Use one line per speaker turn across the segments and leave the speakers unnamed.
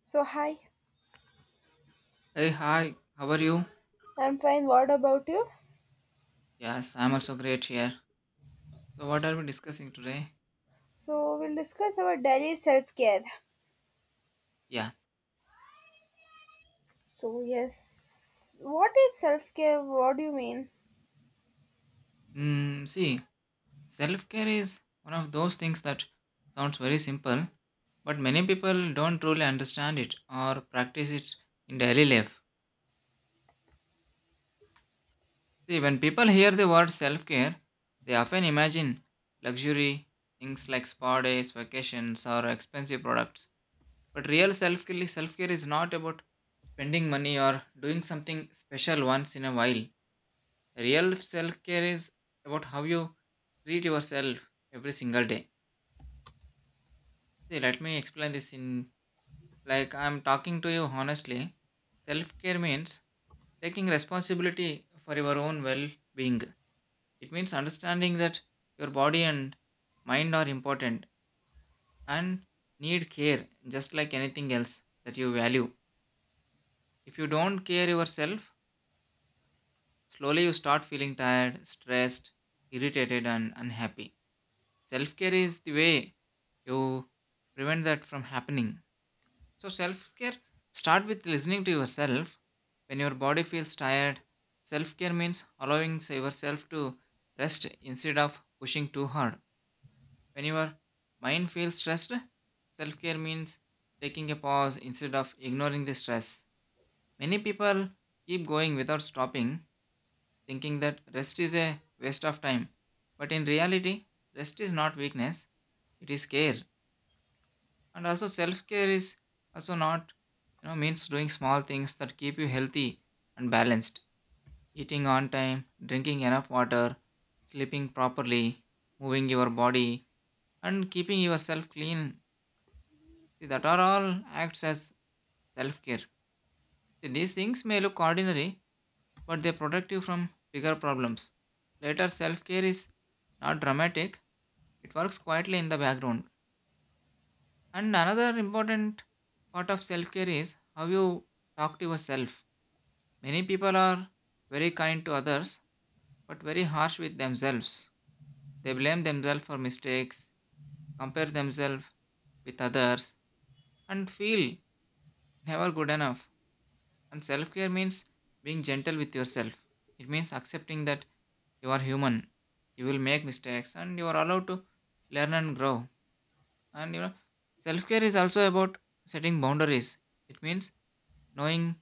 So, hi,
Hey, hi, how are you?
I'm fine. What about you?
Yes, I'm also great here. So, what are we discussing today?
So, we'll discuss our daily self care.
Yeah.
So, yes, what is self care? What do you mean?
Hmm. See, self care is one of those things that sounds very simple, but many people don't truly understand it or practice it in daily life. See, when people hear the word self care, they often imagine luxury, things like spa days, vacations, or expensive products. But real self care is not about spending money or doing something special once in a while. Real self care is about how you treat yourself every single day. See, let me explain this in like I'm talking to you honestly. Self care means taking responsibility for your own well being. It means understanding that your body and mind are important and need care just like anything else that you value. If you don't care yourself, slowly you start feeling tired, stressed, irritated, and unhappy. Self care is the way you prevent that from happening. So, self care start with listening to yourself. When your body feels tired, self care means allowing yourself to rest instead of pushing too hard. When your mind feels stressed, self care means taking a pause instead of ignoring the stress. Many people keep going without stopping, thinking that rest is a waste of time. But in reality, rest is not weakness, it is care. And also self care is also not means doing small things that keep you healthy and balanced, eating on time, drinking enough water, sleeping properly, moving your body, and keeping yourself clean. See, that are all acts as self care. These things may look ordinary, but they protect you from bigger problems later. Self care is not dramatic, it works quietly in the background. And another important part of self care is how you talk to yourself. Many people are very kind to others but very harsh with themselves. They blame themselves for mistakes, compare themselves with others, and feel never good enough. And self care means being gentle with yourself. It means accepting that you are human, you will make mistakes, and you are allowed to learn and grow. And self care is also about setting boundaries. It means knowing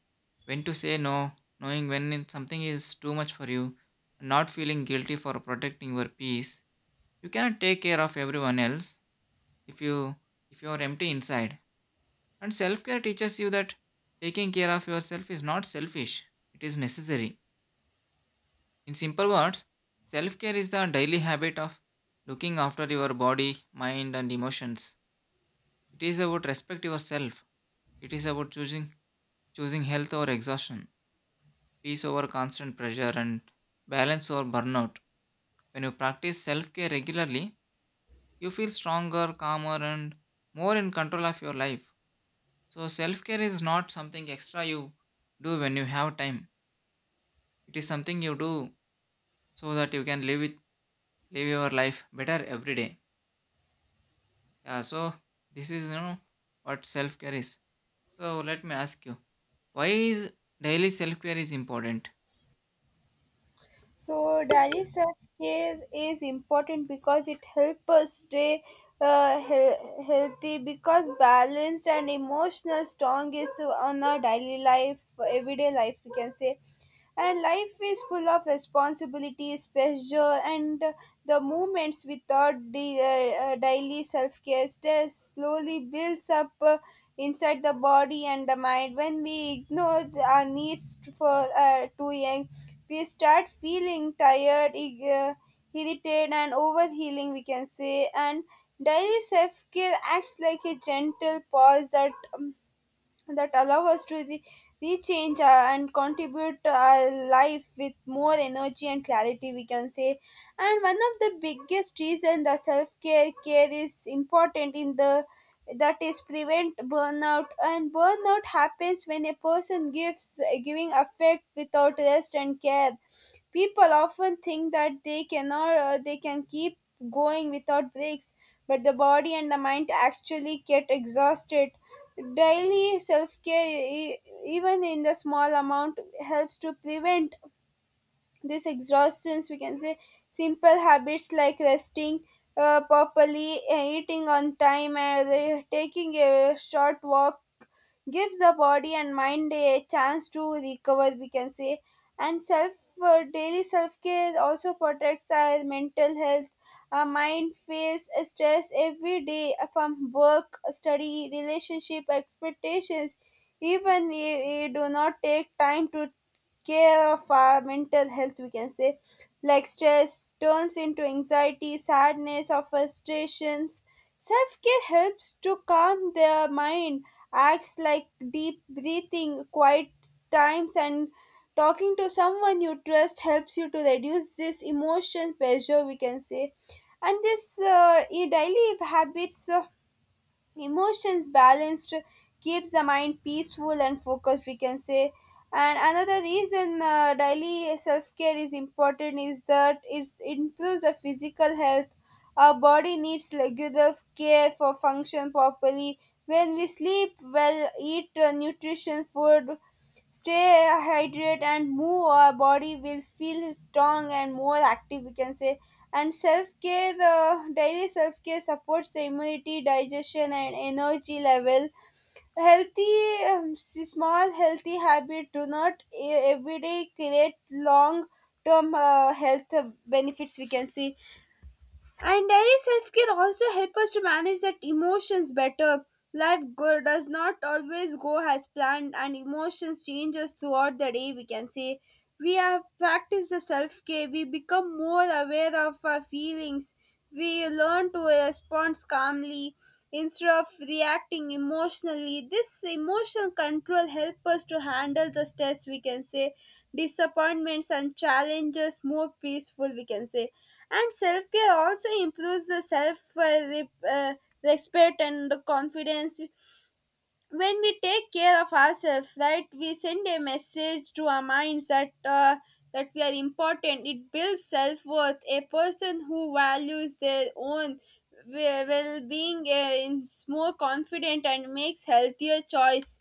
when to say no, knowing when something is too much for you, and not feeling guilty for protecting your peace. You cannot take care of everyone else if you if you are empty inside. And self-care teaches you that taking care of yourself is not selfish. It is necessary. In simple words, self-care is the daily habit of looking after your body, mind and emotions. It is about respect yourself. It is about choosing health or exhaustion, peace over constant pressure, and balance over burnout. When you practice self care regularly, you feel stronger, calmer, and more in control of your life. So, self care is not something extra you do when you have time, it is something you do so that you can live your life better every day. Yeah, so this is what self care is. So, let me ask you why is daily self care is important?
So daily self-care is important because it helps us stay healthy because balanced and emotional strong is on our daily life, everyday life we can say. And life is full of responsibilities, pressure, and the moments without the daily self-care stress slowly builds up inside the body and the mind when we ignore our needs for too young we start feeling tired, irritated, and overhealing, we can say. And daily self care acts like a gentle pause that allow us to rechange our, and contribute to our life with more energy and clarity, we can say. And one of the biggest reason the self care care is important in the that is prevent burnout and burnout happens when a person gives giving affect without rest and care. People often think that they can keep going without breaks, but the body and the mind actually get exhausted. Daily self-care, even in the small amount, helps to prevent this exhaustion. We can say simple habits like resting properly, eating on time, and taking a short walk gives the body and mind a chance to recover we can say and self daily self care also protects our mental health our mind face stress every day from work study relationship expectations even we do not take time to care of our mental health we can say like stress turns into anxiety sadness or frustrations self-care helps to calm their mind acts like deep breathing, quiet times, and talking to someone you trust helps you to reduce this emotion pressure, we can say. And this daily habits emotions balanced keeps the mind peaceful and focused we can say and another reason daily self-care is important is that it improves the physical health our body needs regular care for function properly when we sleep well eat nutrition food stay hydrated and move our body will feel strong and more active we can say and self care, the daily self care supports the immunity, digestion, and energy level. Healthy, small healthy habits do not every day create long term health benefits, we can see. And daily self care also help us to manage that emotions better. Life does not always go as planned, and emotions changes throughout the day. We can say we have practiced the self care. We become more aware of our feelings. We learn to respond calmly instead of reacting emotionally. This emotional control help us to handle the stress. We can say disappointments and challenges more peaceful. We can say and self care also improves the self rep- uh, respect and the confidence. When we take care of ourselves, right, we send a message to our minds that we are important. It builds self worth. A person who values their own well being is more confident and makes healthier choice.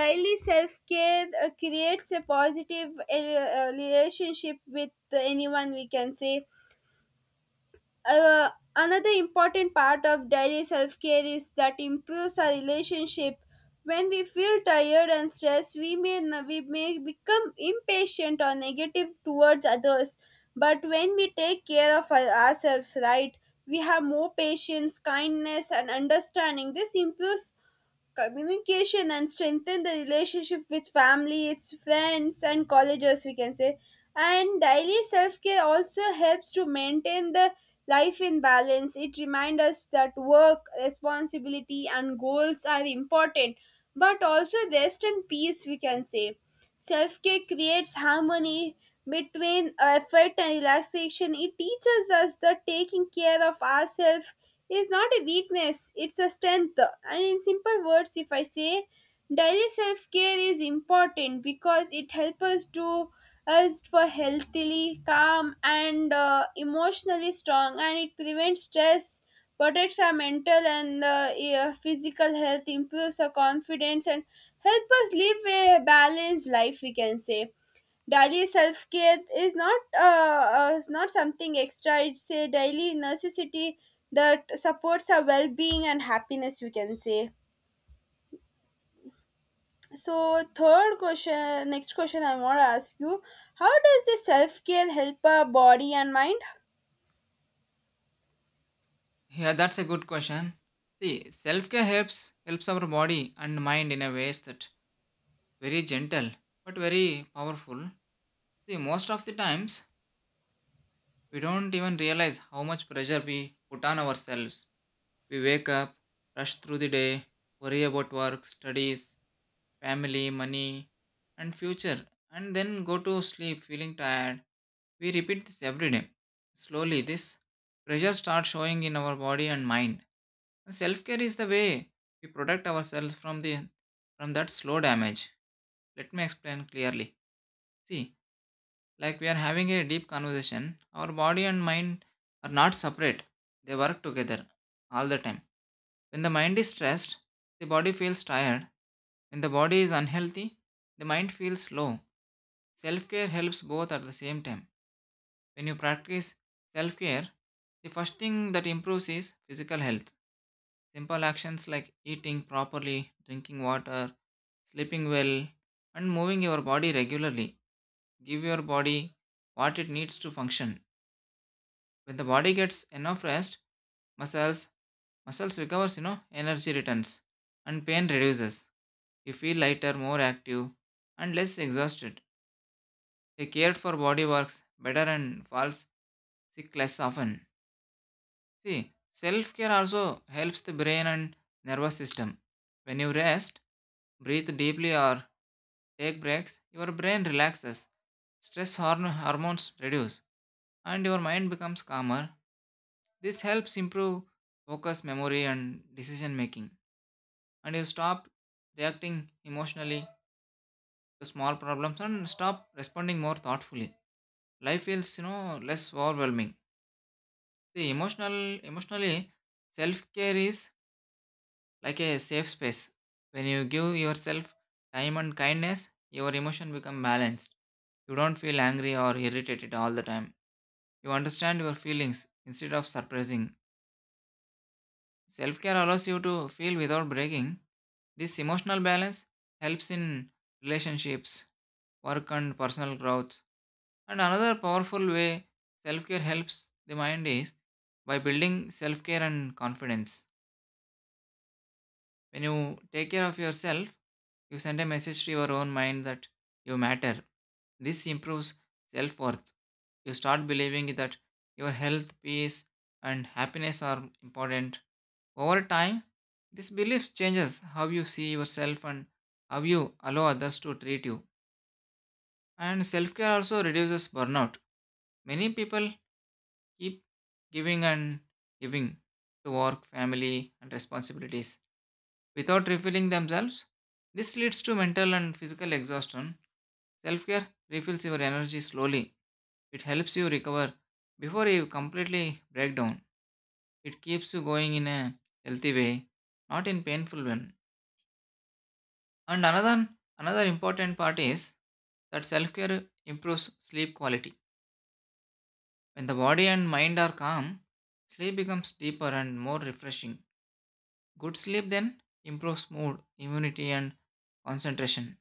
Daily self care creates a positive relationship with anyone, we can say another important part of daily self care is that improves our relationship. When we feel tired and stressed, we may become impatient or negative towards others. But when we take care of ourselves, right, we have more patience, kindness, and understanding. This improves communication and strengthen the relationship with family, its friends, and colleges, we can say. And daily self care also helps to maintain the life in balance. It reminds us that work, responsibility, and goals are important, but also rest and peace, we can say. Self care creates harmony between effort and relaxation. It teaches us that taking care of ourselves is not a weakness, it's a strength. And in simple words, if I say, daily self care is important because it helps us to us for healthily, calm, and emotionally strong, and it prevents stress protects our mental and yeah, physical health, improves our confidence, and help us live a balanced life. We can say daily self care is not something extra. It's a daily necessity that supports our well being and happiness. We can say. So third question, next question I want to ask you: How does the self care help our body and mind?
Yeah, that's a good question. See, self-care helps our body and mind in a ways that very gentle but very powerful. See, most of the times we don't even realize how much pressure we put on ourselves. We wake up, rush through the day, worry about work, studies, family, money, and future, and then go to sleep feeling tired. We repeat this every day. Slowly, this pressure starts showing in our body and mind. Self care is the way we protect ourselves from the from that slow damage. Let me explain clearly. See, like we are having a deep conversation, our body and mind are not separate. They work together all the time. When the mind is stressed, the body feels tired. When the body is unhealthy, the mind feels slow. Self care helps both at the same time. When you practice self care, the first thing that improves is physical health. Simple actions like eating properly, drinking water, sleeping well, and moving your body regularly give your body what it needs to function. When the body gets enough rest, muscles muscles recovers, energy returns and pain reduces. You feel lighter, more active, and less exhausted. A cared for body works better and falls sick less often. See, self care also helps the brain and nervous system. When you rest, breathe deeply, or take breaks, your brain relaxes, stress hormones reduce, and your mind becomes calmer. This helps improve focus, memory, and decision making. And you stop reacting emotionally to small problems and stop responding more thoughtfully. Life feels less overwhelming. See, emotionally, self care is like a safe space. When you give yourself time and kindness, your emotion become balanced. You don't feel angry or irritated all the time. You understand your feelings instead of suppressing. Self care allows you to feel without breaking. This emotional balance helps in relationships, work, and personal growth. And another powerful way self care helps the mind is by building self care and confidence. When you take care of yourself, you send a message to your own mind that you matter. This improves self worth. You start believing that your health, peace, and happiness are important. Over time, this belief changes how you see yourself and how you allow others to treat you. And self care also reduces burnout. Many people keep giving and giving to work, family, and responsibilities without refilling themselves. This leads to mental and physical exhaustion. Self care refills your energy slowly. It helps you recover before you completely break down. It keeps you going in a healthy way, not in painful one. And another important part is that self care improves sleep quality. When the body and mind are calm, sleep becomes deeper and more refreshing. Good sleep then improves mood, immunity, and concentration.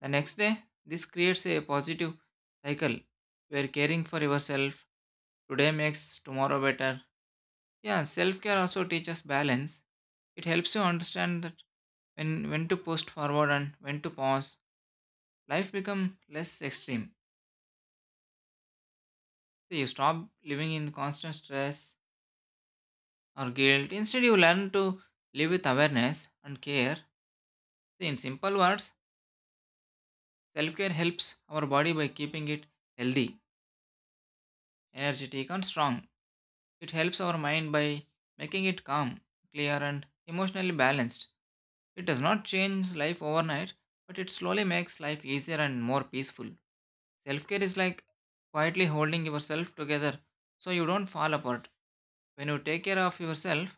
The next day, this creates a positive cycle where caring for yourself today makes tomorrow better. Yeah, self care also teaches balance. It helps you understand that when to push forward and when to pause. Life become less extreme. So you stop living in constant stress or guilt. Instead, you learn to live with awareness and care. See, in simple words, self care helps our body by keeping it healthy, energetic, and strong. It helps our mind by making it calm, clear, and emotionally balanced. It does not change life overnight, but it slowly makes life easier and more peaceful. Self care is like quietly holding yourself together so you don't fall apart. When you take care of yourself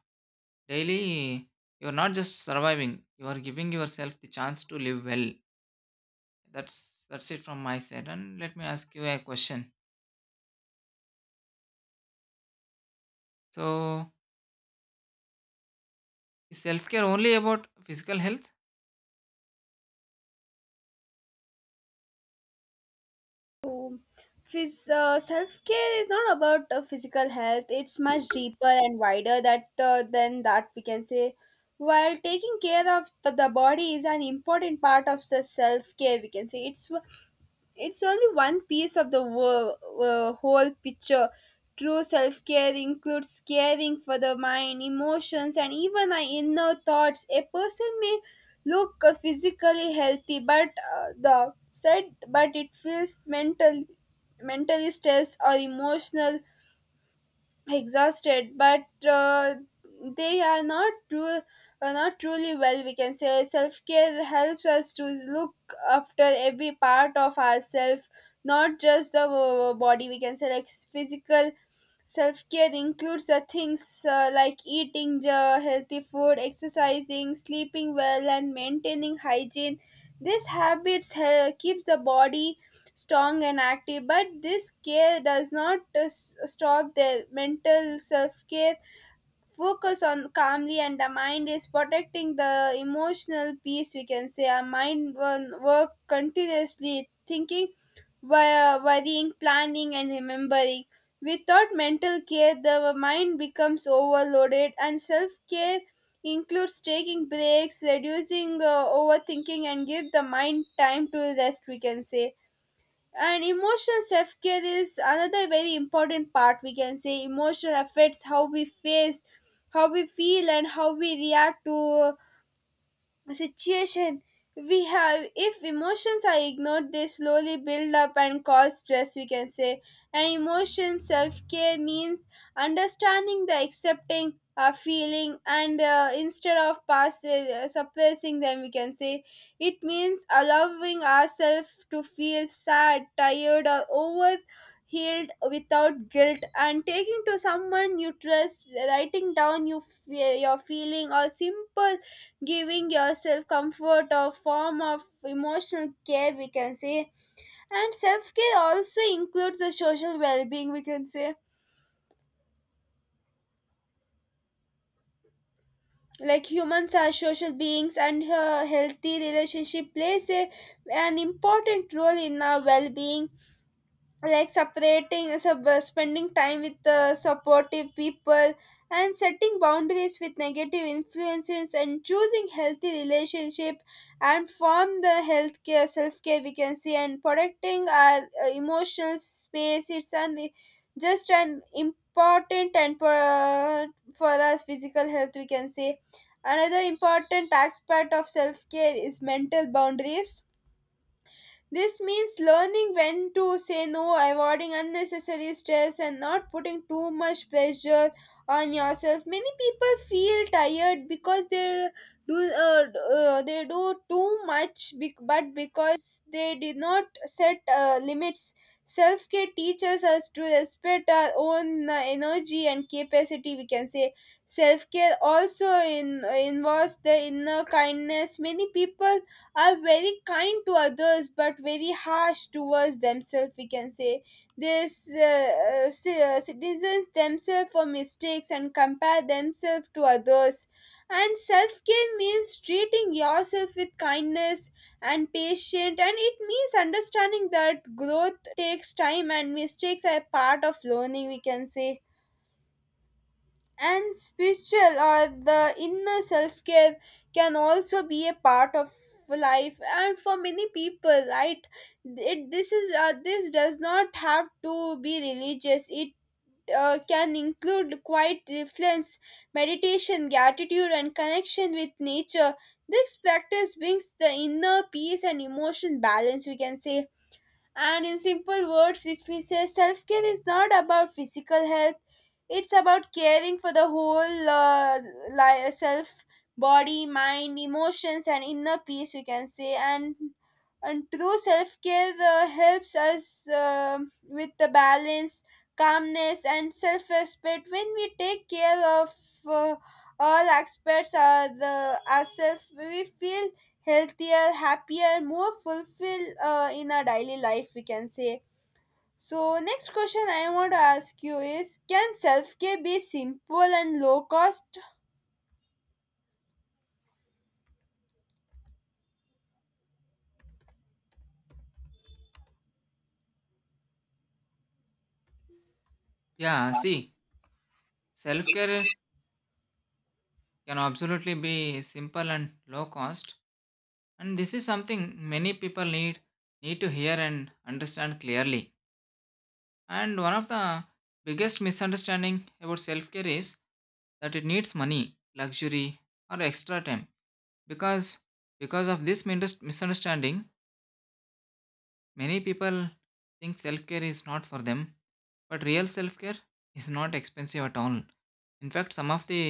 daily, you're not just surviving, you are giving yourself the chance to live well. That's it from my side. And let me ask you a question. So, is self care only about physical health?
Self-care is not about physical health it's much deeper and wider that than that we can say while taking care of the body is an important part of the self-care we can say it's only one piece of the whole picture. True self care includes caring for the mind, emotions, and even our inner thoughts. A person may look physically healthy, but the said, but it feels mentally stressed or emotional exhausted but they are not truly well we can say self-care helps us to look after every part of ourselves not just the body we can say like physical self-care includes the things like eating healthy food exercising sleeping well and maintaining hygiene these habits keeps the body strong and active but this care does not stop their mental self-care focus on calmly and the mind is protecting the emotional peace we can say our mind work continuously thinking worrying planning and remembering without mental care the mind becomes overloaded and self-care includes taking breaks reducing overthinking and give the mind time to rest we can say and emotional self-care is another very important part we can say emotion affects how we face how we feel and how we react to situation we have if emotions are ignored they slowly build up and cause stress we can say and emotion self-care means understanding the accepting a feeling and instead of suppressing them we can say it means allowing ourselves to feel sad tired or over healed without guilt and taking to someone you trust writing down your feeling or simple giving yourself comfort or form of emotional care we can say and self-care also includes the social well-being we can say like humans are social beings and a healthy relationship plays a, an important role in our well-being like spending time with supportive people and setting boundaries with negative influences and choosing healthy relationship and form the healthcare self-care we can see and protecting our emotional space it's an just an important and for us physical health we can say another important aspect of self-care is mental boundaries this means learning when to say no, avoiding unnecessary stress, and not putting too much pressure on yourself. Many people feel tired because do uh, they do too much, but because they did not set limits. Self care teaches us to respect our own energy and capacity. We can say self care also involves the inner kindness. Many people are very kind to others but very harsh towards themselves we can say this citizens themselves for mistakes and compare themselves to others and self-care means treating yourself with kindness and patience, and it means understanding that growth takes time and mistakes are part of learning we can say and spiritual or the inner self care can also be a part of life and for many people right it this is this does not have to be religious it can include quiet reflex meditation gratitude and connection with nature this practice brings the inner peace and emotion balance we can say and in simple words, if we say self care is not about physical health, it's about caring for the whole self, body, mind, emotions, and inner peace, we can say. And true self care helps us with the balance, calmness, and self respect. When we take care of uh, all aspects are the ourselves. We feel healthier, happier, more fulfilled in our daily life, we can say. So, next question I want to ask you is Can self care be simple and low cost?
Yeah, see, self care can absolutely be simple and low cost, and this is something many people need to hear and understand clearly. And one of the biggest misunderstanding about self care is that it needs money, luxury, or extra time. Because because of this misunderstanding, many people think self care is not for them. But real self care is not expensive at all. In fact, some of the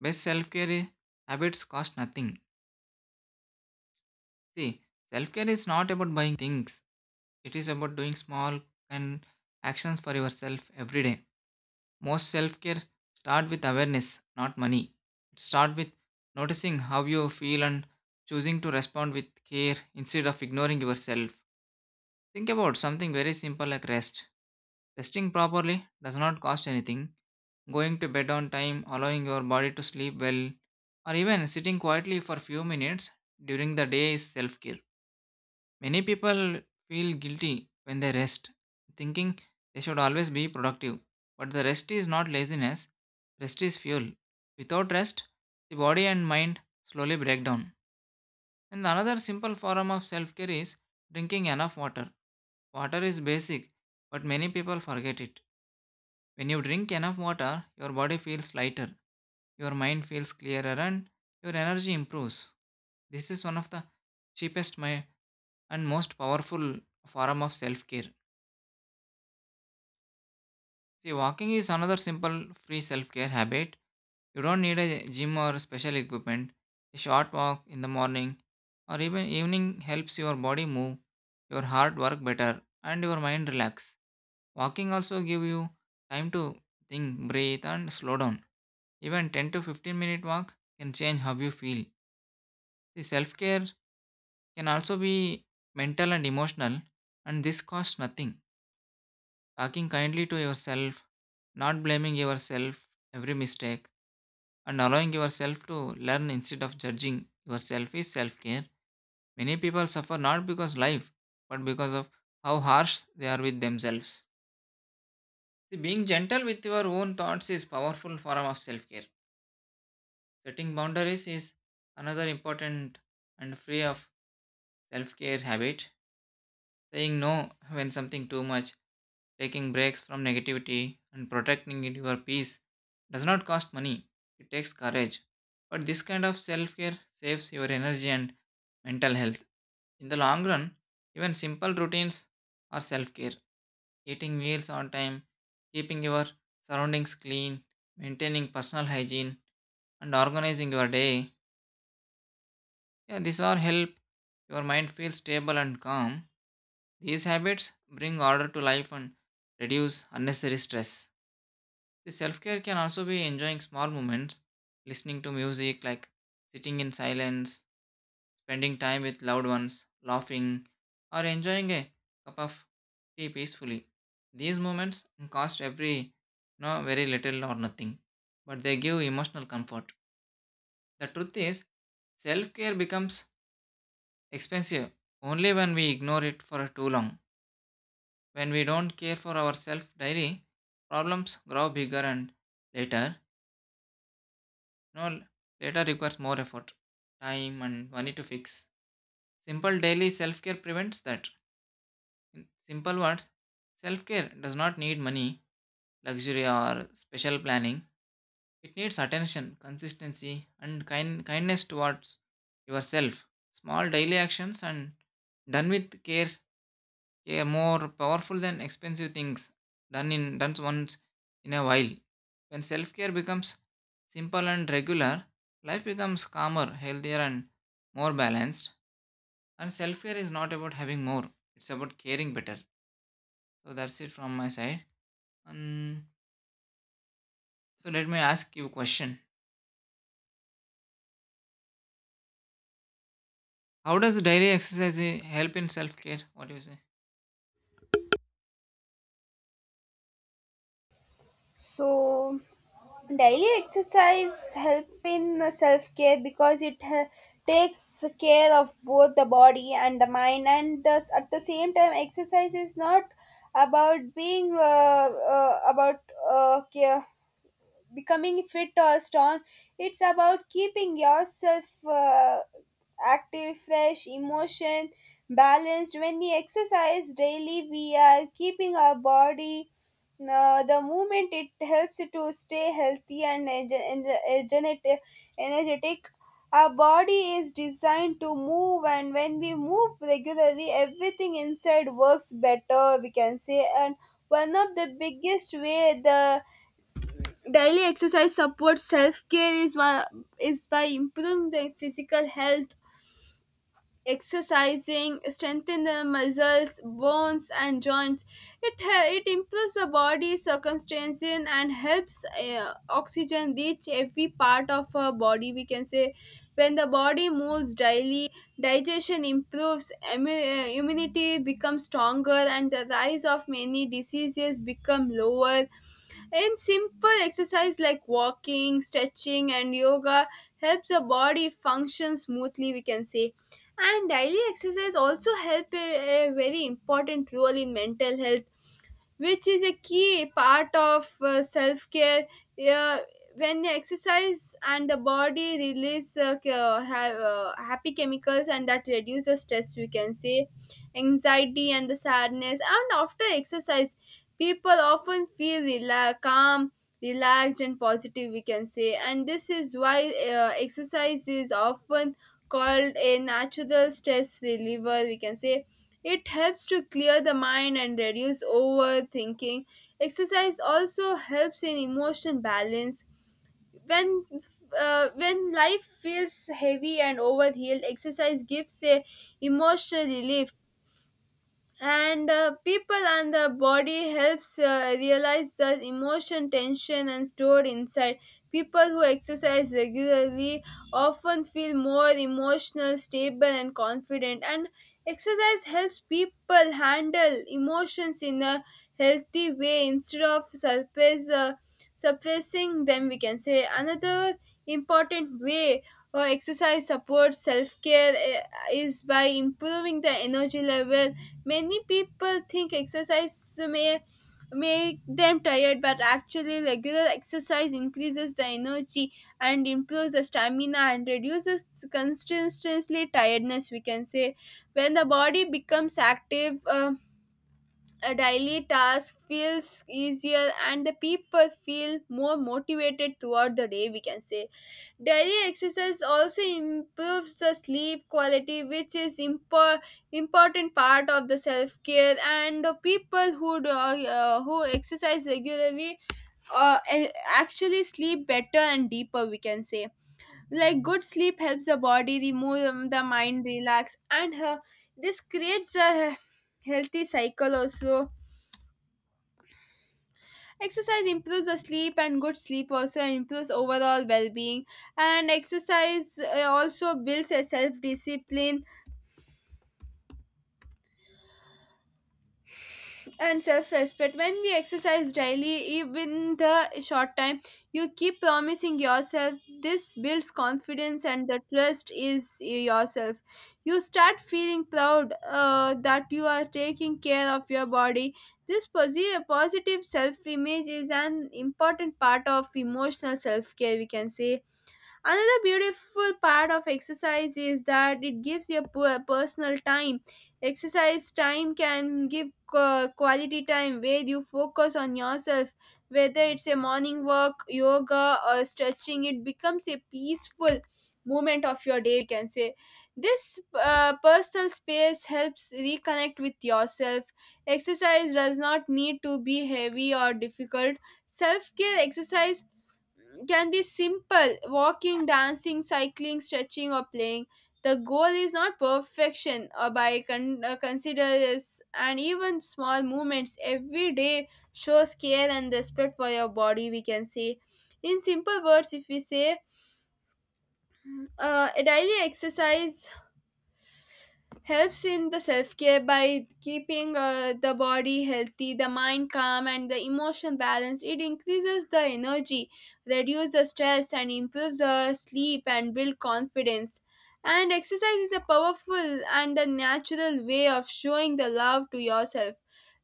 best self care habits cost nothing. See, self care is not about buying things. It is about doing small and actions for yourself every day. Most self-care start with awareness, not money. It start with noticing how you feel and choosing to respond with care instead of ignoring yourself. Think about something very simple like rest. Resting properly does not cost anything. Going to bed on time, allowing your body to sleep well, or even sitting quietly for few minutes during the day is self-care. Many people feel guilty when they rest, thinking they should always be productive. But the rest is not laziness, rest is fuel. Without rest, the body and mind slowly break down. And another simple form of self care is drinking enough water. Water is basic, but many people forget it. When you drink enough water, your body feels lighter, your mind feels clearer, and your energy improves. This is one of the cheapest and most powerful form of self care. See, walking is another simple free self care habit. You don't need a gym or special equipment. A short walk in the morning or even evening helps your body move, your heart work better, and your mind relax. Walking also give you time to think, breathe, and slow down. Even 10 to 15 minute walk can change how you feel. The self care can also be mental and emotional, and this costs nothing. Talking kindly to yourself, not blaming yourself every mistake, and allowing yourself to learn instead of judging yourself is self care. Many people suffer not because life, but because of how harsh they are with themselves. See, being gentle with your own thoughts is powerful form of self care. Setting boundaries is another important and free of self care habit. Saying no when something too much. Taking breaks from negativity and protecting your peace does not cost money, it takes courage. But this kind of self care saves your energy and mental health. In the long run, even simple routines are self care. Eating meals on time, keeping your surroundings clean, maintaining personal hygiene, and organizing your day. Yeah, these all help your mind feel stable and calm. These habits bring order to life and reduce unnecessary stress. The self care can also be enjoying small moments, listening to music, like sitting in silence, spending time with loved ones, laughing, or enjoying a cup of tea peacefully. These moments cost every no very little or nothing, but they give emotional comfort. The truth is, self care becomes expensive only when we ignore it for too long. When we don't care for ourselves daily, problems grow bigger and later. No, later requires more effort, time, and money to fix. Simple daily self care prevents that. In simple words, self care does not need money, luxury, or special planning. It needs attention, consistency, and kindness towards yourself. Small daily actions and done with care a more powerful than expensive things done once in a while. When self-care becomes simple and regular, life becomes calmer, healthier and more balanced. And self-care is not about having more, it's about caring better. So that's it from my side. And so let me ask you a question. How does daily exercise help in self-care? What do you say?
So, daily exercise help in self care because it takes care of both the body and the mind, and thus at the same time, exercise is not about being about care becoming fit or strong it's about keeping yourself active fresh emotion balanced when we exercise daily we are keeping our body the movement it helps to stay healthy and energetic energetic. Our body is designed to move, and when we move regularly, everything inside works better, we can say. And one of the biggest way the Daily exercise supports self care is by improving the physical health, exercising, strengthen the muscles, bones, and joints. It improves the body circumstance and helps oxygen reach every part of our body. We can say, when the body moves daily, digestion improves, immunity becomes stronger, and the rise of many diseases become lower, and simple exercise like walking, stretching, and yoga helps the body function smoothly, we can say. And daily exercise also help a very important role in mental health, which is a key part of self care. Uh, when exercise and the body release happy chemicals, and that reduce the stress, we can say, anxiety and the sadness. And after exercise, people often feel calm, relaxed, and positive, we can say. And this is why exercise is often called a natural stress reliever, we can say. It helps to clear the mind and reduce overthinking. Exercise also helps in emotional balance. When when life feels heavy and overhealed, exercise gives a emotional relief, and people and the body helps realize the emotion tension and stored inside. People who exercise regularly often feel more emotional stable and confident, and exercise helps people handle emotions in a healthy way instead of suppressing them, we can say. Another important way exercise supports self-care is by improving the energy level. Many people think exercise may make them tired, but actually, regular exercise increases the energy and improves the stamina and reduces constantly tiredness. We can say, when the body becomes active, a daily task feels easier and the people feel more motivated throughout the day, we can say. Daily exercise also improves the sleep quality, which is important part of the self care, and the people who who exercise regularly actually sleep better and deeper, we can say. Like, good sleep helps the body remove the mind relax, and this creates a healthy cycle also. Exercise improves the sleep, and good sleep also improves overall well-being. And exercise also builds a self-discipline and self-respect. When we exercise daily, even the short time, you keep promising yourself. This builds confidence and the trust is yourself. You start feeling proud that you are taking care of your body. This positive self-image is an important part of emotional self-care. We can say, another beautiful part of exercise is that it gives you personal time. Exercise time can give quality time where you focus on yourself, whether it's a morning walk, yoga, or stretching. It becomes a peaceful moment of your day, we can say. This personal space helps reconnect with yourself. Exercise does not need to be heavy or difficult. Self care exercise can be simple walking, dancing, cycling, stretching, or playing. The goal is not perfection or considers, and even small movements every day shows care and respect for your body. We can say, in simple words, if we say, a daily exercise helps in the self-care by keeping the body healthy, the mind calm, and the emotion balanced. It increases the energy, reduces the stress, and improves the sleep and build confidence. And exercise is a powerful and a natural way of showing the love to yourself.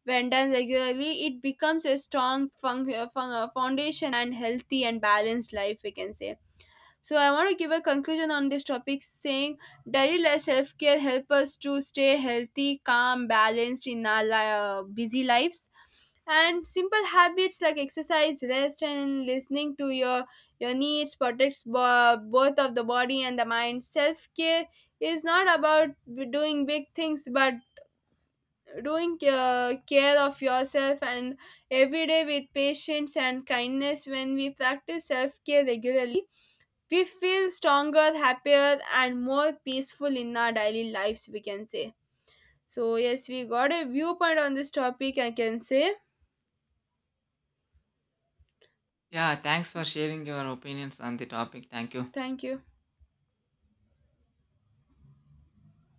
When done regularly, it becomes a strong foundation and healthy and balanced life, we can say. So I want to give a conclusion on this topic, saying daily life self-care help us to stay healthy, calm, balanced in our busy lives. And simple habits like exercise, rest, and listening to your needs protects both of the body and the mind. Self-care is not about doing big things, but doing care of yourself and every day with patience and kindness. When we practice self-care regularly, we feel stronger, happier, and more peaceful in our daily lives, we can say. So, yes, we got a viewpoint on this topic, I can say.
Yeah, thanks for sharing your opinions on the topic. Thank you.
Thank you.